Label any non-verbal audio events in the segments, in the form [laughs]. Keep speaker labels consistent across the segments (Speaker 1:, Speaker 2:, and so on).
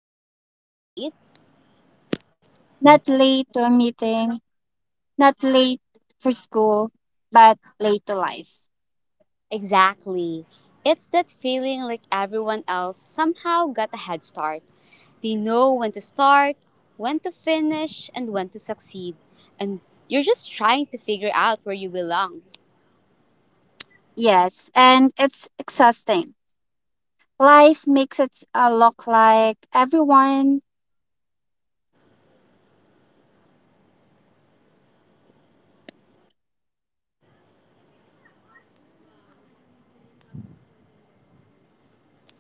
Speaker 1: and thought, I'm late?
Speaker 2: Not late to a meeting, not late for school, but late to life.
Speaker 1: Exactly. It's that feeling like everyone else somehow got a head start. They know when to start, when to finish, and when to succeed. And you're just trying to figure out where you belong.
Speaker 2: Yes, and it's exhausting. Life makes it look like everyone.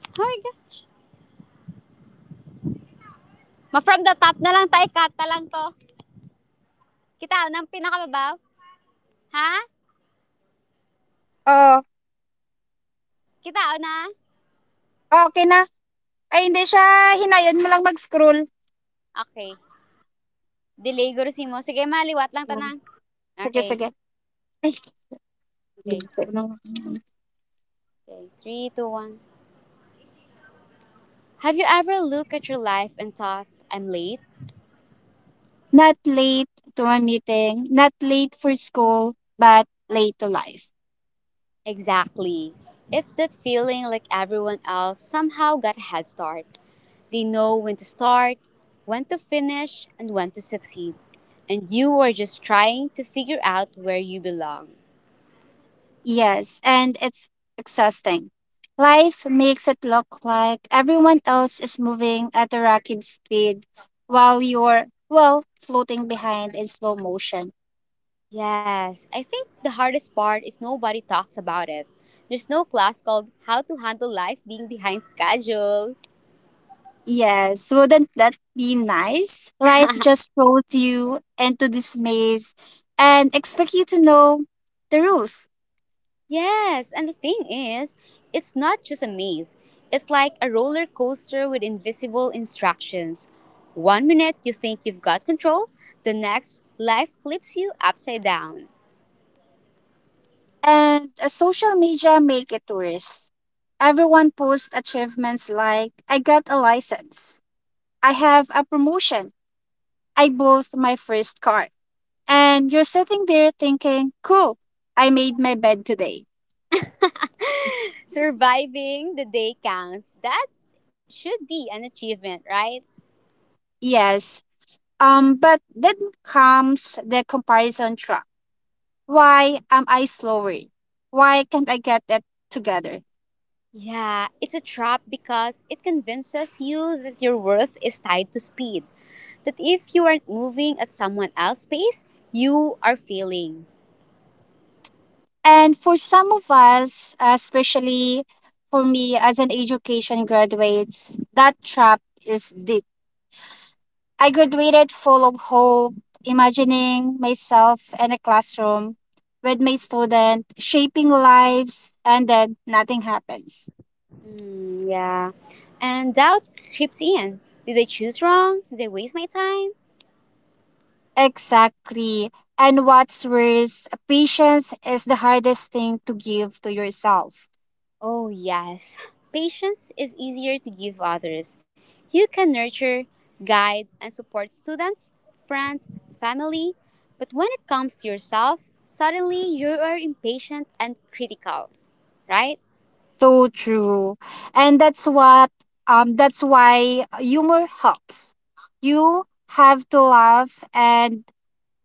Speaker 1: Oh my gosh. Ma from the top na lang tayo, cut na lang to. Kita ng pinakababaw? Ha?
Speaker 2: Oo, oh,
Speaker 1: Kita na?
Speaker 2: okay na. Ay, hindi siya. Hinayon mo lang mag-scroll.
Speaker 1: Okay. Delay guru si mo. Sige, maliwat lang
Speaker 2: Mm,
Speaker 1: tanang.
Speaker 2: Sige,
Speaker 1: Okay.
Speaker 2: sige. Ay,
Speaker 1: Okay.
Speaker 2: late.
Speaker 1: Okay. Three, two, one. Have you ever looked at your life and thought, I'm late?
Speaker 2: Not late to a meeting, not late for school, but late to life.
Speaker 1: Exactly. It's that feeling like everyone else somehow got a head start. They know when to start, when to finish, and when to succeed. And you are just trying to figure out where you belong.
Speaker 2: Yes, and it's exhausting. Life makes it look like everyone else is moving at a rocket speed while you're, well, floating behind in slow motion.
Speaker 1: Yes, I think the hardest part is nobody talks about it. There's no class called How to Handle Life Being Behind Schedule.
Speaker 2: Yes, wouldn't that be nice? Life just throws you into this maze and expect you to know the rules.
Speaker 1: Yes, and the thing is, it's not just a maze. It's like a roller coaster with invisible instructions. One minute you think you've got control, the next, life flips you upside down.
Speaker 2: And social media make it worse. Everyone posts achievements like, I got a license, I have a promotion, I bought my first car. And you're sitting there thinking, cool, I made my bed today.
Speaker 1: [laughs] Surviving the day counts. That should be an achievement, right?
Speaker 2: Yes. But then comes the comparison trap. Why am I slower? Why can't I get that together?
Speaker 1: Yeah, it's a trap because it convinces you that your worth is tied to speed. That if you aren't moving at someone else's pace, you are failing.
Speaker 2: And for some of us, especially for me as an education graduates, that trap is deep. I graduated full of hope, imagining myself in a classroom with my student, shaping lives, and then nothing happens.
Speaker 1: Mm, yeah. And doubt creeps in. Did I choose wrong? Did I waste my time?
Speaker 2: Exactly. And what's worse, patience is the hardest thing to give to yourself.
Speaker 1: Oh, yes. Patience is easier to give others. You can nurture, guide, and support students, friends, family. But when it comes to yourself, suddenly you are impatient and critical, right?
Speaker 2: So true. And that's why humor helps. You have to laugh and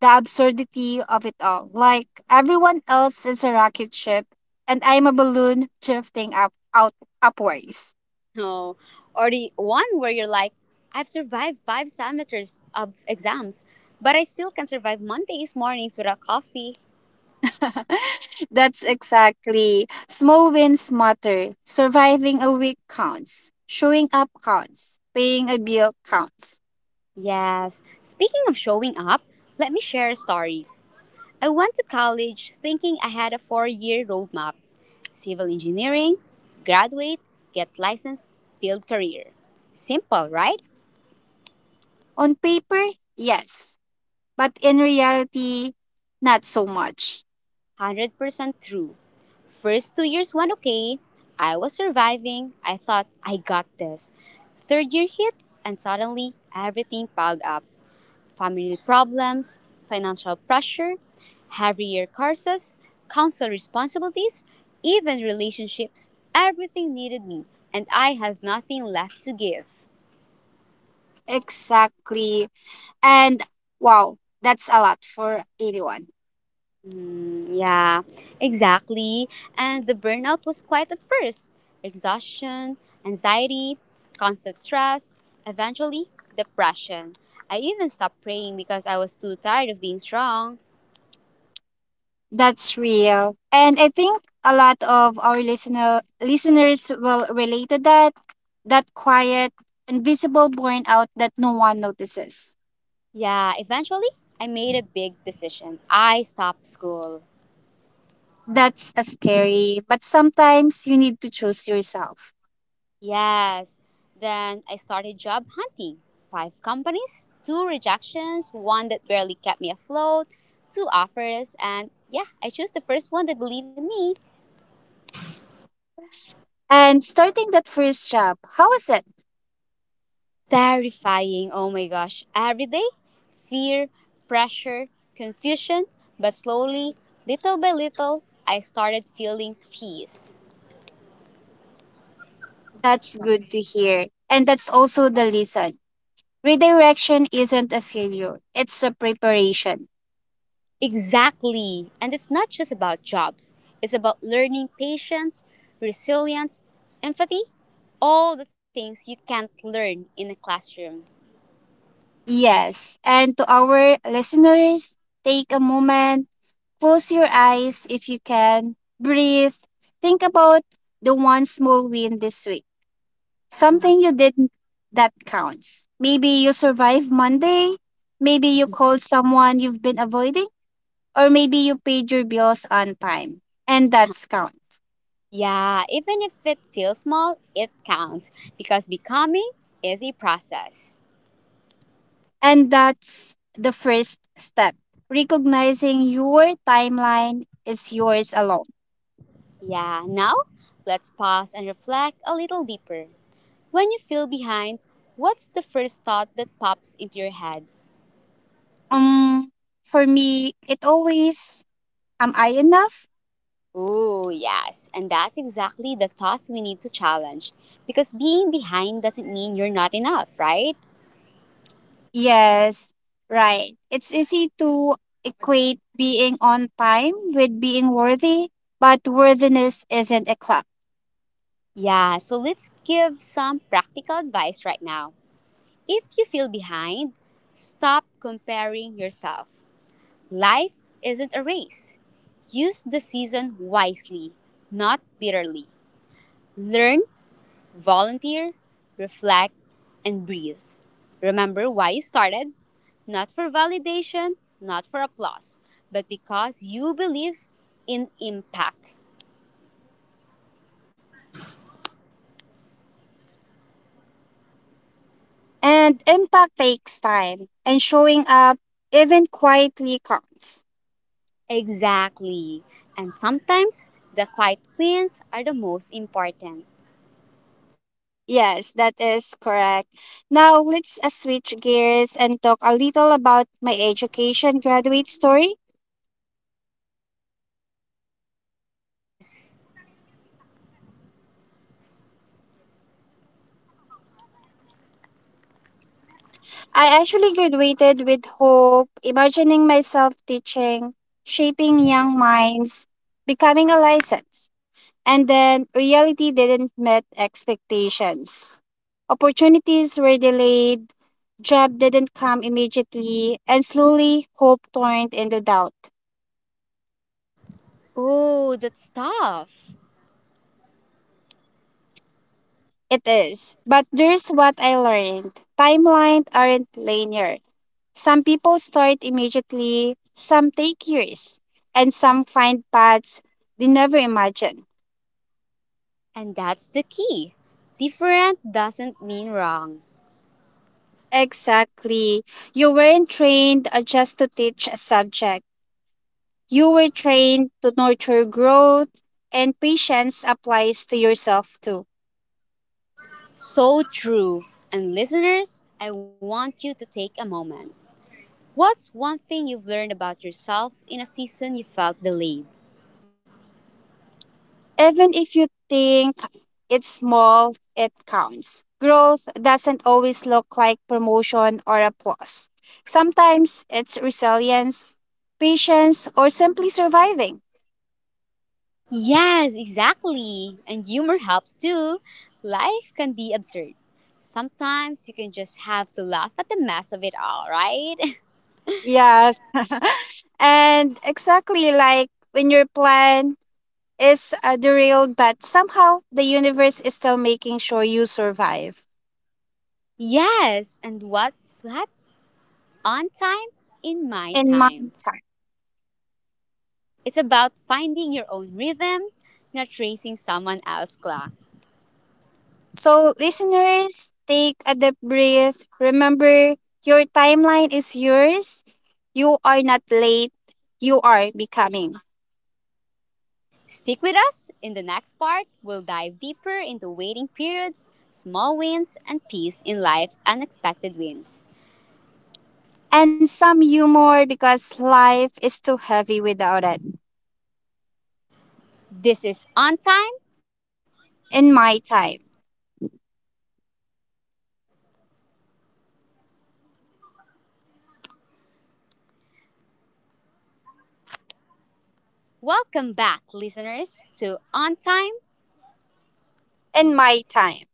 Speaker 2: the absurdity of it all. Like everyone else is a rocket ship and I'm a balloon drifting up out upwards.
Speaker 1: No. Or the one where you're like, I've survived 5 semesters of exams, but I still can survive Mondays mornings without coffee.
Speaker 2: [laughs] That's exactly. Small wins matter. Surviving a week counts. Showing up counts. Paying a bill counts.
Speaker 1: Yes. Speaking of showing up, let me share a story. I went to college thinking I had a 4-year roadmap, civil engineering, graduate, get license, build career. Simple, right?
Speaker 2: On paper, yes. But in reality, not so much.
Speaker 1: 100% true. First 2 years went okay. I was surviving. I thought I got this. Third year hit, and suddenly everything piled up. Family problems, financial pressure, heavier courses, council responsibilities, even relationships. Everything needed me, and I had nothing left to give.
Speaker 2: Exactly. And wow, that's a lot for anyone.
Speaker 1: Yeah, exactly. And the burnout was quite at first, exhaustion, anxiety, constant stress, eventually, depression. I even stopped praying because I was too tired of being strong.
Speaker 2: That's real. And I think a lot of our listeners will relate to that quiet, invisible burnout that no one notices.
Speaker 1: Yeah, eventually, I made a big decision. I stopped school.
Speaker 2: That's a scary, but sometimes you need to choose yourself.
Speaker 1: Yes. Then I started job hunting. Five companies, two rejections, one that barely kept me afloat, two offers, and yeah, I chose the first one that believed in me.
Speaker 2: And starting that first job, how was it?
Speaker 1: Terrifying, oh my gosh. Every day, fear, pressure, confusion, but slowly, little by little, I started feeling peace.
Speaker 2: That's good to hear. And that's also the lesson. Redirection isn't a failure, it's a preparation.
Speaker 1: Exactly. And it's not just about jobs, it's about learning patience, resilience, empathy, all the things you can't learn in a classroom.
Speaker 2: Yes. And to our listeners, take a moment. Close your eyes if you can. Breathe. Think about the one small win this week.
Speaker 1: Mhm.
Speaker 2: Something you did that counts. Maybe you survived Monday. Maybe you called someone you've been avoiding. Or maybe you paid your bills on time. And that's counts.
Speaker 1: Yeah, even if it feels small, it counts because becoming is a process.
Speaker 2: And that's the first step. Recognizing your timeline is yours alone.
Speaker 1: Yeah, now let's pause and reflect a little deeper. When you feel behind, what's the first thought that pops into your head?
Speaker 2: Um, for me, it always am I enough?
Speaker 1: Oh, yes. And that's exactly the thought we need to challenge. Because being behind doesn't mean you're not enough, right?
Speaker 2: Yes, right. It's easy to equate being on time with being worthy, but worthiness isn't a clock.
Speaker 1: Yeah, so let's give some practical advice right now. If you feel behind, stop comparing yourself. Life isn't a race. Use the season wisely, not bitterly. Learn. Volunteer, reflect, and breathe. Remember why you started? Not for validation, not for applause, but because you believe in impact.
Speaker 2: And impact takes time, and showing up even quietly counts.
Speaker 1: Exactly. And sometimes the quiet wins are the most important.
Speaker 2: Yes, that is correct. Now let's switch gears and talk a little about my education graduate story.
Speaker 1: Oh, yes, please.
Speaker 2: I actually graduated with hope, imagining myself teaching, shaping young minds, becoming a license. And then reality didn't meet expectations. Opportunities were delayed, job didn't come immediately, and slowly hope turned into doubt.
Speaker 1: Oh, that's tough.
Speaker 2: It is. But there's what I learned. Timelines aren't linear. Some people start immediately, some take years, and some find paths they never imagined.
Speaker 1: And that's the key. Different doesn't mean wrong.
Speaker 2: Exactly. You weren't trained just to teach a subject. You were trained to nurture growth, and patience applies to yourself too.
Speaker 1: So true. And listeners, I want you to take a moment. What's one thing you've learned about yourself in a season you felt delayed?
Speaker 2: Even if you think it's small, it counts. Growth doesn't always look like promotion or applause. Sometimes it's resilience, patience, or simply surviving.
Speaker 1: Yes, exactly. And humor helps too. Life can be absurd. Sometimes you can just have to laugh at the mess of it all, right?
Speaker 2: Yes. [laughs] And exactly like when your plan is derailed, but somehow the universe is still making sure you survive.
Speaker 1: [laughs] Yes, and what's what? On time, in my
Speaker 2: In my
Speaker 1: time. It's about finding your own rhythm, not racing someone else's clock.
Speaker 2: So, listeners, take a deep breath. Remember, your timeline is yours. You are not late, you are becoming.
Speaker 1: Stick with us. In the next part, we'll dive deeper into waiting periods, small wins, and peace in life, unexpected wins.
Speaker 2: And some humor because life is too heavy without it.
Speaker 1: This is On Time.
Speaker 2: In my time.
Speaker 1: Welcome back, listeners, to On Time.
Speaker 2: And my time.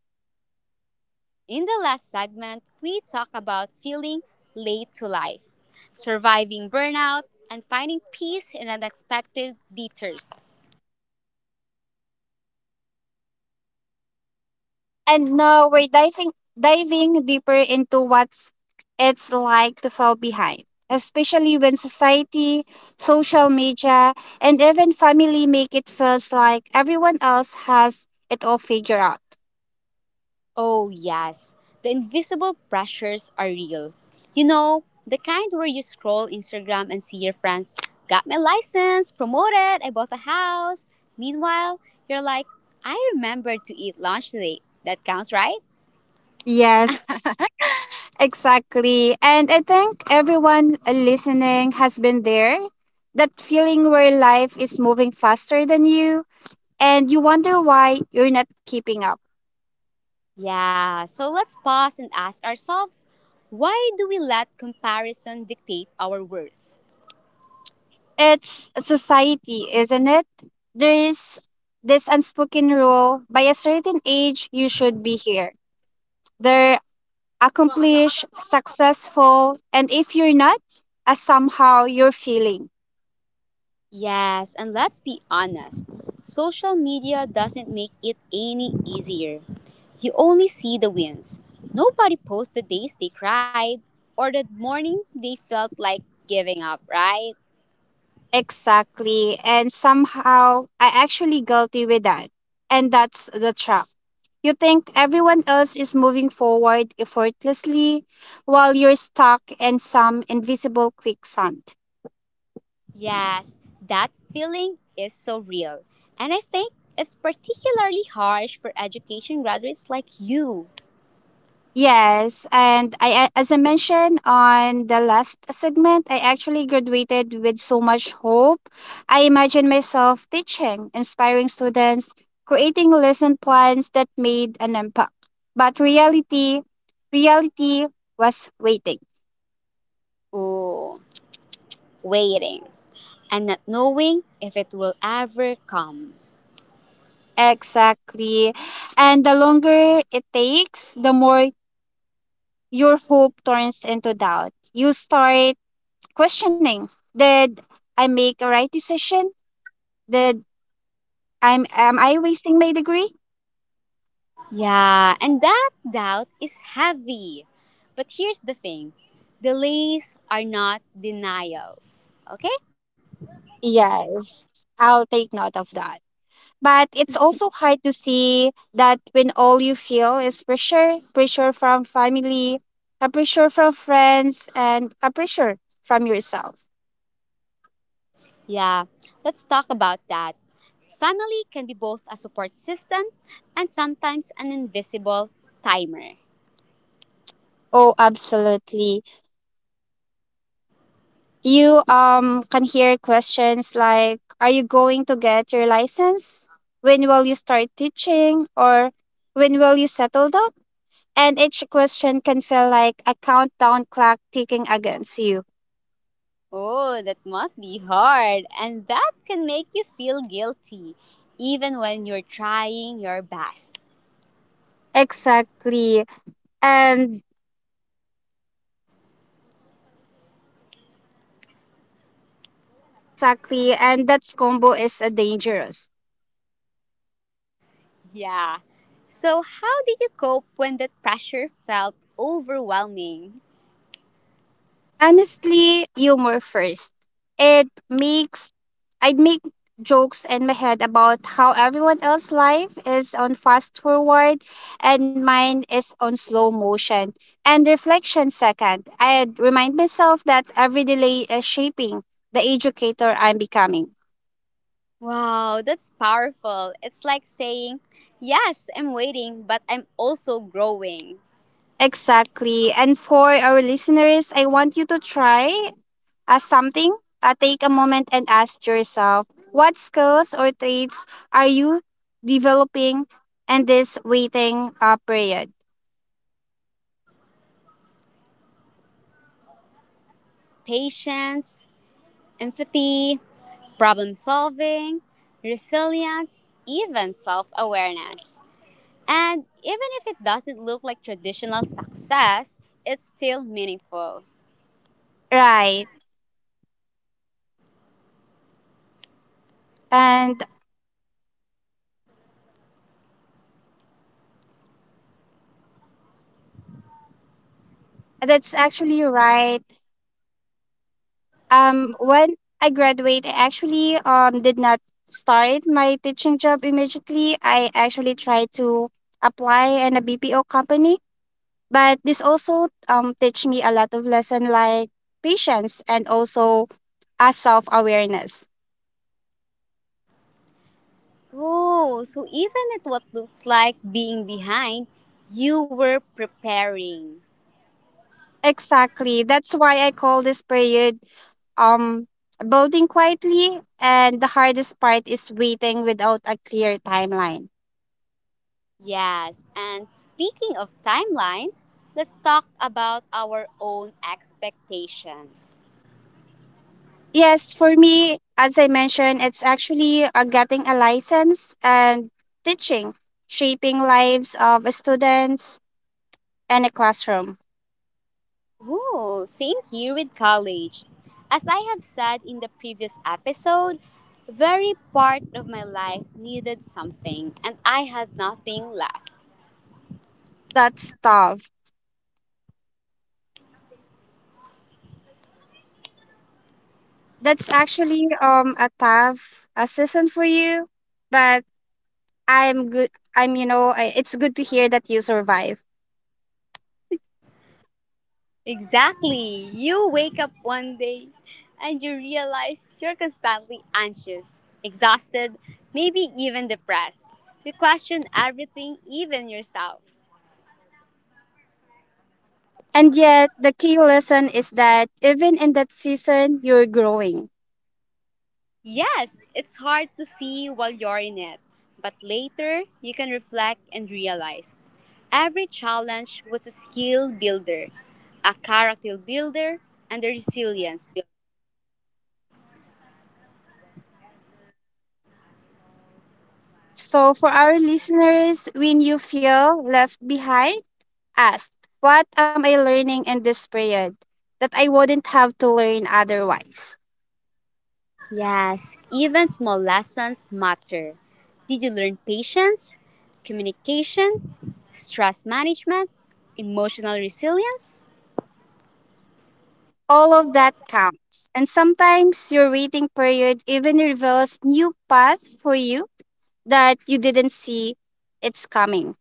Speaker 1: In the last segment, we talk about feeling late to life, surviving burnout, and finding peace in unexpected detours.
Speaker 2: And now we're diving deeper into what's it's like to fall behind, especially when society, social media, and even family make it feels like everyone else has it all figured out.
Speaker 1: Oh, yes. The invisible pressures are real. The kind where you scroll Instagram and see your friends, got my license, promoted, I bought a house. Meanwhile, you're like, I remember to eat lunch today. That counts, right?
Speaker 2: Yes, [laughs] exactly. And I think everyone listening has been there. That feeling where life is moving faster than you and you wonder why you're not keeping up.
Speaker 1: Yeah, so let's pause and ask ourselves, why do we let comparison dictate our worth?
Speaker 2: It's society, isn't it? There's this unspoken rule by a certain age, you should be here. They're accomplished, successful, and if you're not, somehow you're feeling.
Speaker 1: Yes, and let's be honest, social media doesn't make it any easier. You only see the wins. Nobody posts the days they cried or the morning they felt like giving up, right?
Speaker 2: Exactly. And somehow I actually guilty with that. And that's the trap. You think everyone else is moving forward effortlessly while you're stuck in some invisible quicksand.
Speaker 1: Yes, that feeling is so real. And I think it's particularly harsh for education graduates like you.
Speaker 2: Yes, and as I mentioned on the last segment, I actually graduated with so much hope. I imagine myself teaching, inspiring students, creating lesson plans that made an impact. But reality was waiting.
Speaker 1: Ooh, waiting and not knowing if it will ever come.
Speaker 2: Exactly. And the longer it takes, the more your hope turns into doubt. You start questioning, did I make a right decision? Did I'm am I wasting my degree?
Speaker 1: Yeah, and that doubt is heavy. But here's the thing, delays are not denials. Okay?
Speaker 2: Yes, I'll take note of that. But it's also hard to see that when all you feel is pressure, pressure from family, a pressure from friends, and a pressure from yourself.
Speaker 1: Yeah, let's talk about that. Family can be both a support system and sometimes an invisible timer.
Speaker 2: Oh, absolutely. You can hear questions like, "Are you going to get your license? When will you start teaching? Or when will you settle down?" And each question can feel like a countdown clock ticking against you.
Speaker 1: Oh, that must be hard. And that can make you feel guilty, even when you're trying your best.
Speaker 2: Exactly. And exactly. And that combo is dangerous.
Speaker 1: Yeah. So, how did you cope when that pressure felt overwhelming?
Speaker 2: Honestly, humor first. It makes, I'd make jokes in my head about how everyone else's life is on fast forward and mine is on slow motion. And reflection second, I'd remind myself that every delay is shaping the educator I'm becoming.
Speaker 1: Wow, that's powerful. It's like saying, yes, I'm waiting, but I'm also growing.
Speaker 2: Exactly. And for our listeners, I want you to try something. Take a moment and ask yourself what skills or traits are you developing in this waiting period?
Speaker 1: Patience, empathy, problem solving, resilience, even self awareness. And even if it doesn't look like traditional success, it's still meaningful.
Speaker 2: Right. And that's actually right. When I graduate, I actually did not start my teaching job immediately. I actually tried to apply in a BPO company. But this also teach me a lot of lesson like patience and also a self awareness.
Speaker 1: Oh, so even at what looks like being behind, you were preparing.
Speaker 2: Exactly. That's why I call this period um building quietly and the hardest part is waiting without a clear timeline.
Speaker 1: Yes, and speaking of timelines, let's talk about our own expectations.
Speaker 2: Yes, for me, as I mentioned, it's actually getting a license and teaching, shaping lives of students in a classroom.
Speaker 1: Ooh, same here with college. As I have said in the previous episode, very part of my life needed something and I had nothing left.
Speaker 2: That's tough. That's actually a season for you, but I'm good. I'm you know I, It's good to hear that you survive.
Speaker 1: Exactly. You wake up one day and you realize you're constantly anxious, exhausted, maybe even depressed. You question everything, even yourself.
Speaker 2: And yet, the key lesson is that even in that season, you're growing.
Speaker 1: Yes, it's hard to see while you're in it, but later you can reflect and realize every challenge was a skill builder, a character builder, and a resilience builder.
Speaker 2: So, for our listeners, when you feel left behind, ask, what am I learning in this period that I wouldn't have to learn otherwise?
Speaker 1: Yes, even small lessons matter. Did you learn patience, communication, stress management, emotional resilience?
Speaker 2: All of that counts. And sometimes your waiting period even reveals new path for you that you didn't see it's coming.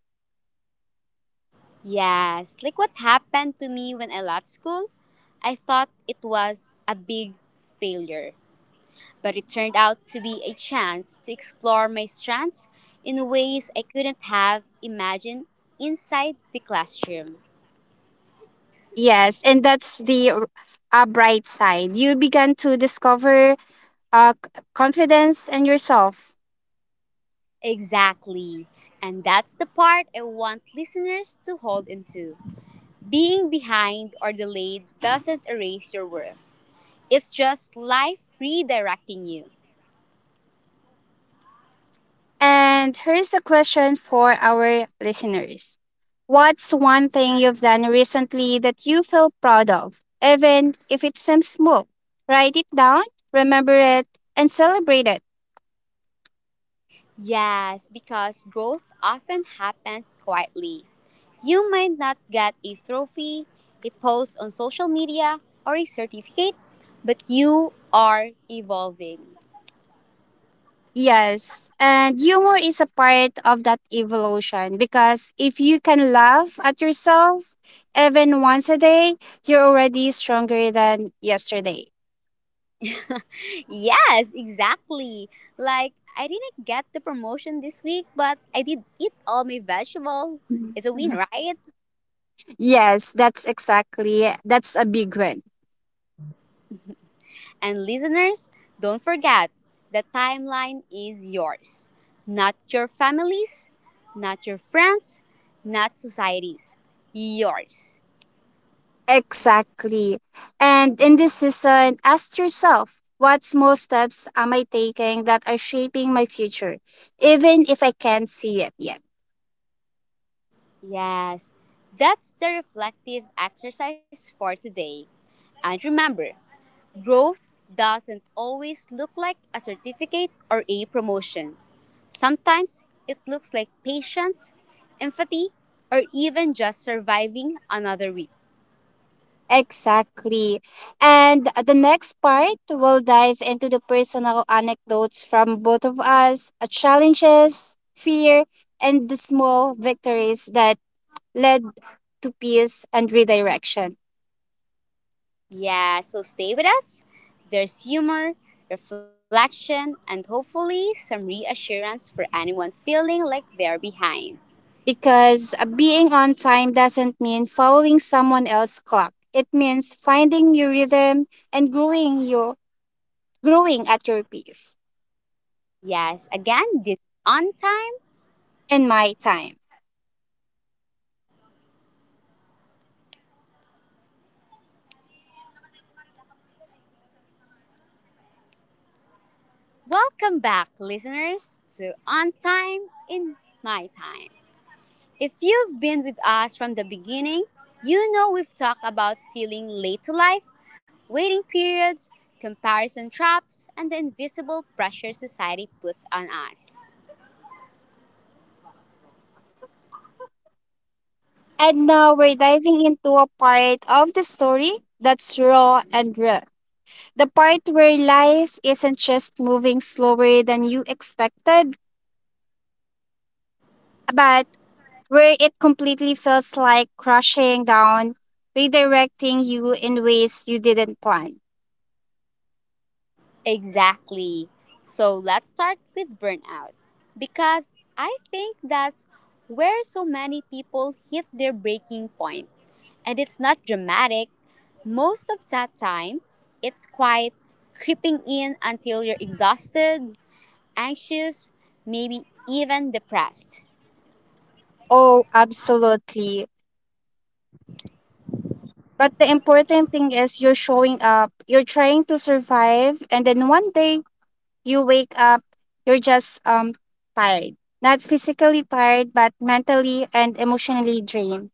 Speaker 1: Yes, like what happened to me when I left school, I thought it was a big failure. But it turned out to be a chance to explore my strengths in ways I couldn't have imagined inside the classroom.
Speaker 2: Yes, and that's the bright side. You began to discover confidence in yourself.
Speaker 1: Exactly. And that's the part I want listeners to hold into. Being behind or delayed doesn't erase your worth. It's just life redirecting you.
Speaker 2: And here's a question for our listeners. What's one thing you've done recently that you feel proud of, even if it seems small? Write it down, remember it, and celebrate it.
Speaker 1: Yes, because growth often happens quietly. You might not get a trophy, a post on social media, or a certificate, but you are evolving.
Speaker 2: Yes, and humor is a part of that evolution because if you can laugh at yourself even once a day, you're already stronger than yesterday.
Speaker 1: Yes, exactly. Like, I didn't get the promotion this week, but I did eat all my vegetable. It's a win,
Speaker 2: [laughs]
Speaker 1: right?
Speaker 2: Yes, that's exactly. That's a big one.
Speaker 1: And listeners, don't forget, the timeline is yours, not your family's, not your friends, not society's. Yours.
Speaker 2: Exactly. And in this season, ask yourself what small steps am I taking that are shaping my future, even if I can't see it yet?
Speaker 1: Yes, that's the reflective exercise for today. And remember, growth doesn't always look like a certificate or a promotion. Sometimes it looks like patience, empathy, or even just surviving another week.
Speaker 2: Exactly. And the next part, we'll dive into the personal anecdotes from both of us, challenges, fear, and the small victories that led to peace and redirection.
Speaker 1: Yeah, so stay with us. There's humor, reflection, and hopefully some reassurance for anyone feeling like they're behind.
Speaker 2: Because being on time doesn't mean following someone else's clock. It means finding your rhythm and growing at your pace.
Speaker 1: Yes, again, this is On Time.
Speaker 2: And my time.
Speaker 1: Welcome back, listeners, to On Time in My Time. If you've been with us from the beginning, you know we've talked about feeling late to life, waiting periods, comparison traps, and the invisible pressure society puts on us.
Speaker 2: And now we're diving into a part of the story that's raw and real. The part where life isn't just moving slower than you expected, but where it completely feels like crashing down, redirecting you in ways you didn't plan.
Speaker 1: Exactly. So let's start with burnout because I think that's where so many people hit their breaking point. And it's not dramatic. Most of that time, it's quite creeping in until you're exhausted, anxious, maybe even depressed.
Speaker 2: Oh, absolutely. But the important thing is you're showing up, you're trying to survive, and then one day you wake up, you're just tired. Not physically tired, but mentally and emotionally drained.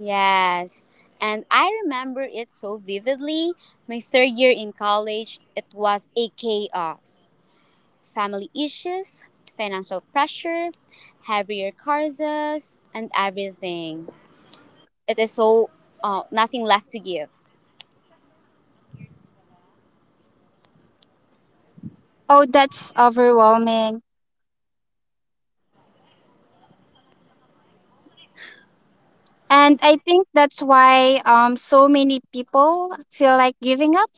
Speaker 1: Yes. And I remember it so vividly. My third year in college, it was a chaos. Family issues, financial pressure, heavier curses, and everything. It is so nothing left to give.
Speaker 2: Oh, that's overwhelming. And I think that's why so many people feel like giving up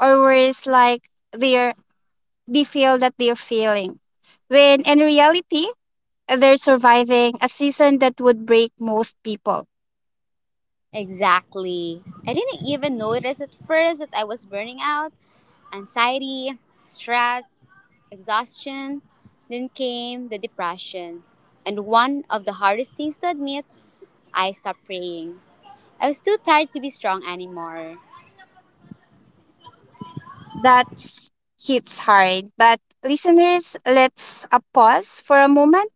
Speaker 2: or worse like they're they feel that they're failing. When in reality they're surviving a season that would break most people.
Speaker 1: Exactly. I didn't even notice at first that I was burning out. Anxiety, stress, exhaustion. Then came the depression. And one of the hardest things to admit, I stopped praying. I was too tired to be strong anymore.
Speaker 2: That's hits hard. But listeners, let's pause for a moment.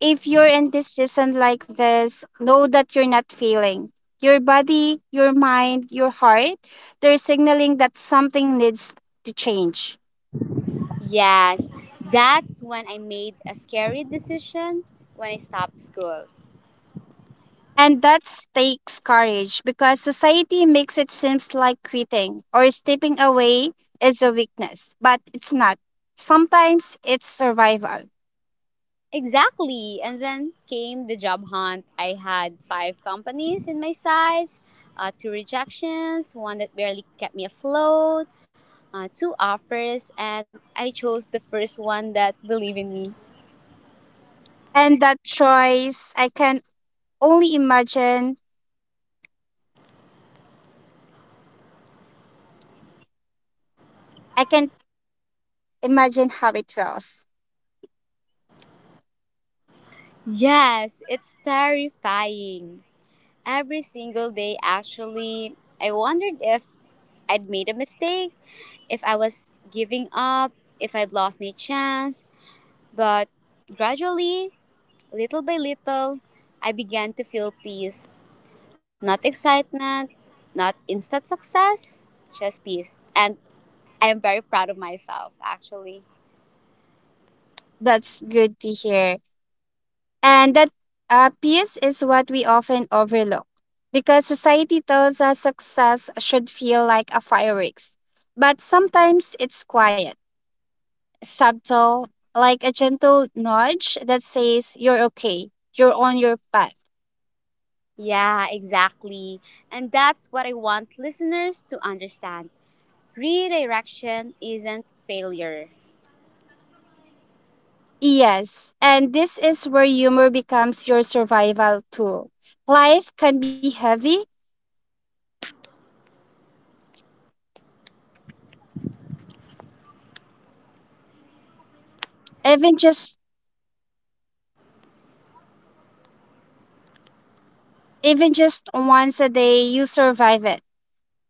Speaker 2: If you're in this season like this, know that you're not failing. Your body, your mind, your heart, they're signaling that something needs to change.
Speaker 1: Yes, that's when I made a scary decision, when I stopped school.
Speaker 2: And that takes courage because society makes it seems like quitting or stepping away is a weakness, but it's not. Sometimes it's survival.
Speaker 1: Exactly. And then came the job hunt. I had five companies in my size, two rejections, one that barely kept me afloat, two offers, and I chose the first one that believed in me.
Speaker 2: And that choice, only imagine, I can imagine how it feels.
Speaker 1: Yes, it's terrifying. Every single day, actually, I wondered if I'd made a mistake, if I was giving up, if I'd lost my chance. But gradually, little by little, I began to feel peace. Not excitement, not instant success, just peace. And I am very proud of myself, actually.
Speaker 2: That's good to hear. And that piece is what we often overlook because society tells us success should feel like a fireworks, but sometimes it's quiet, subtle, like a gentle nudge that says, you're okay, you're on your path.
Speaker 1: Yeah, exactly. And that's what I want listeners to understand. Redirection isn't failure.
Speaker 2: Yes, and this is where humor becomes your survival tool. Life can be heavy, even just even just once a day you survive it.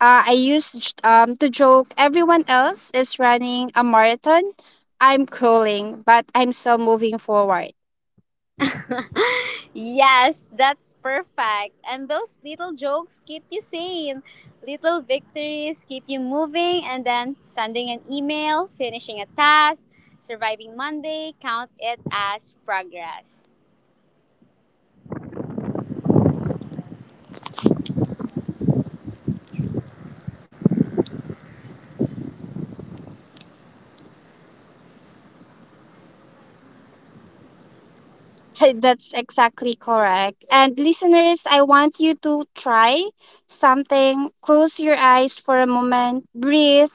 Speaker 2: I used to joke everyone else is running a marathon. I'm crawling, but I'm still moving forward.
Speaker 1: Yes, that's perfect. And those little jokes keep you sane. Little victories keep you moving, and then sending an email, finishing a task, surviving Monday, count it as progress.
Speaker 2: [laughs] That's exactly correct. And listeners, I want you to try something. Close your eyes for a moment, breathe,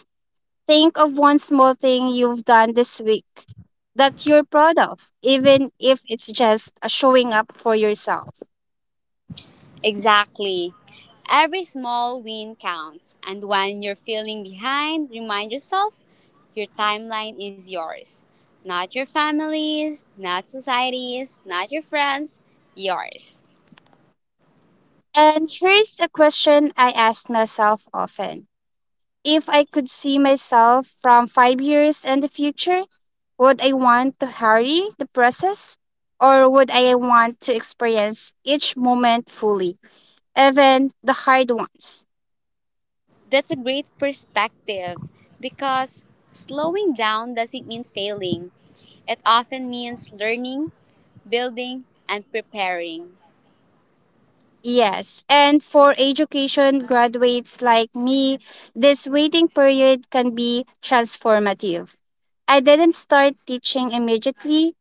Speaker 2: think of one small thing you've done this week that you're proud of, even if it's just showing up for yourself.
Speaker 1: Exactly. Every small win counts. And when you're feeling behind, remind yourself, your timeline is yours. Not your family's, not society's, not your friends, yours.
Speaker 2: And here's a question I ask myself often. If I could see myself from 5 years in the future, would I want to hurry the process? Or would I want to experience each moment fully, even the hard ones?
Speaker 1: That's a great perspective because slowing down doesn't mean failing. It often means learning, building, and preparing.
Speaker 2: Yes. And for education graduates like me, this waiting period can be transformative. I didn't start teaching immediately,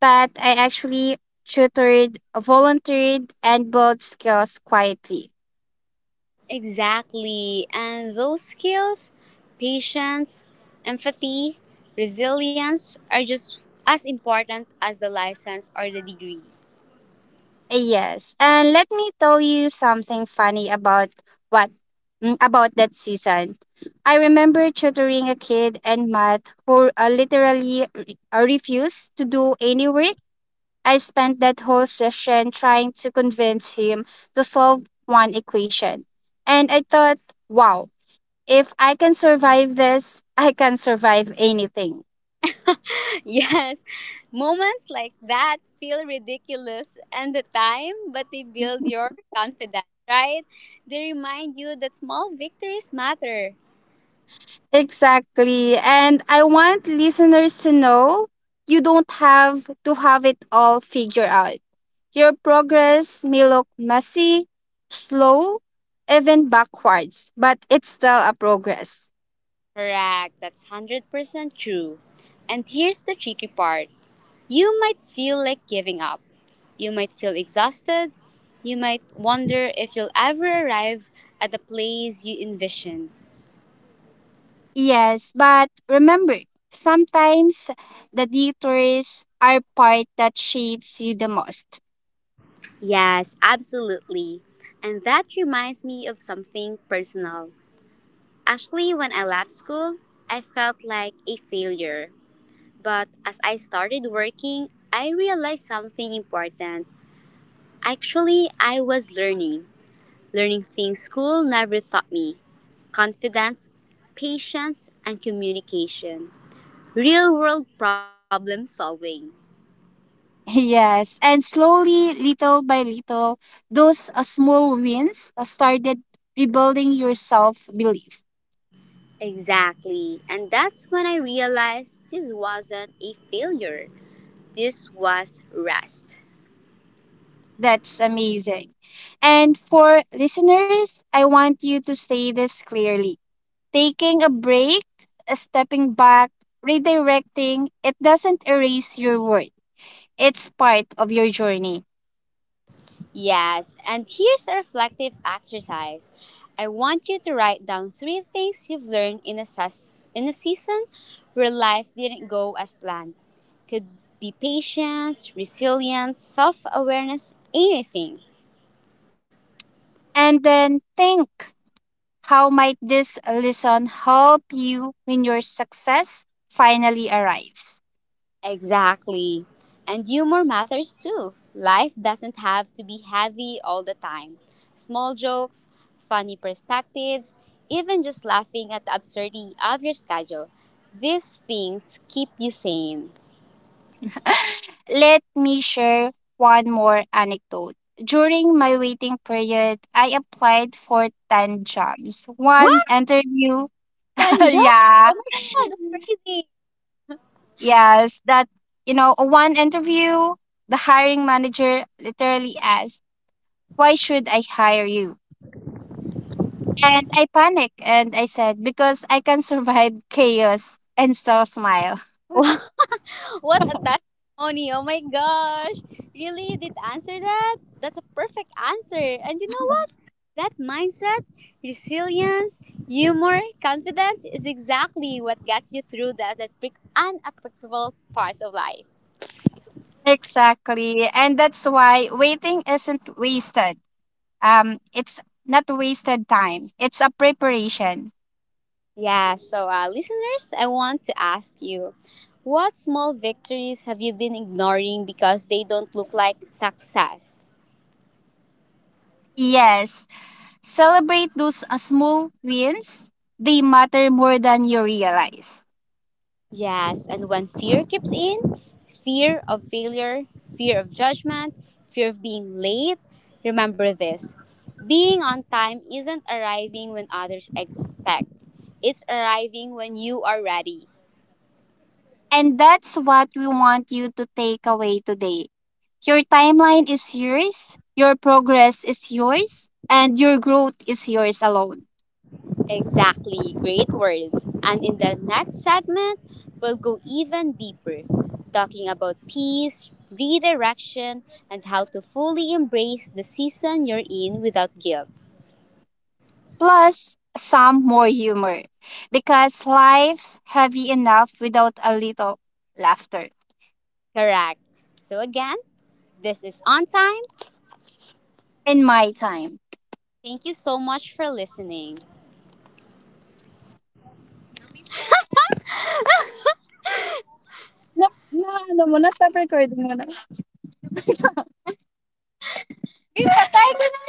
Speaker 2: but I actually tutored, volunteered, and built skills quietly.
Speaker 1: Exactly. And those skills, patience, empathy, resilience, are just as important as the license or the degree.
Speaker 2: Yes, and let me tell you something funny about what about that season. I remember tutoring a kid in math who literally refused to do any work. I spent that whole session trying to convince him to solve one equation, and I thought, wow, if I can survive this, I can survive anything.
Speaker 1: [laughs] Yes, moments like that feel ridiculous at the time, but they build your confidence, right? They remind you that small victories matter.
Speaker 2: Exactly. And I want listeners to know you don't have to have it all figured out. Your progress may look messy, slow, even backwards, but it's still a progress.
Speaker 1: Correct, that's 100% true. And here's the tricky part, you might feel like giving up, you might feel exhausted, you might wonder if you'll ever arrive at the place you envision.
Speaker 2: Yes, but remember, sometimes the detours are part that shapes you the most.
Speaker 1: Yes, absolutely. And that reminds me of something personal. Actually, when I left school, I felt like a failure. But as I started working, I realized something important. Actually, I was learning things school never taught me, confidence, patience, and communication, real world problem solving.
Speaker 2: [laughs] Yes, and slowly, little by little, those small wins started rebuilding your self belief.
Speaker 1: Exactly. And that's when I realized this wasn't a failure, this was rest.
Speaker 2: That's amazing. And for listeners, I want you to say this clearly. Taking a break, a stepping back, redirecting, it doesn't erase your worth. It's part of your journey.
Speaker 1: Yes, and here's a reflective exercise. I want you to write down three things you've learned in a season where life didn't go as planned. Could be patience, resilience, self awareness, anything.
Speaker 2: And then think, how might this lesson help you when your success finally arrives?
Speaker 1: Exactly. And humor matters too. Life doesn't have to be heavy all the time. Small jokes, funny perspectives, even just laughing at the absurdity of your schedule. These things keep you sane.
Speaker 2: [laughs] Let me share one more anecdote. During my waiting period, I applied for 10 jobs. One
Speaker 1: What?
Speaker 2: interview. [laughs]
Speaker 1: 10 jokes?
Speaker 2: Yeah.
Speaker 1: Oh my god, that's crazy.
Speaker 2: Yes, that, one interview, the hiring manager literally asked, why should I hire you? And I panicked and I said, because I can survive chaos and still smile.
Speaker 1: [laughs] What a testimony! Oh my gosh! Really, you did answer that? That's a perfect answer. And you know what? That mindset, resilience, humor, confidence is exactly what gets you through that unpredictable parts of life.
Speaker 2: Exactly. And that's why waiting isn't wasted. It's not wasted time. It's a preparation.
Speaker 1: Yeah, so listeners, I want to ask you, what small victories have you been ignoring because they don't look like success?
Speaker 2: Yes. Celebrate those small wins. They matter more than you realize.
Speaker 1: Yes, and when fear creeps in, fear of failure, fear of judgment, fear of being late, remember this. Being on time isn't arriving when others expect. It's arriving when you are ready.
Speaker 2: And that's what we want you to take away today. Your timeline is yours, your progress is yours, and your growth is yours alone.
Speaker 1: Exactly, great words. And in the next segment, we'll go even deeper, talking about peace, redirection, and how to fully embrace the season you're in without guilt.
Speaker 2: Plus, some more humor. Because life's heavy enough without a little laughter.
Speaker 1: Correct. So, again, this is On Time.
Speaker 2: In my time.
Speaker 1: Thank you so much for listening.
Speaker 2: Na, na ano mo na, stop recording mo na. Patay ko na!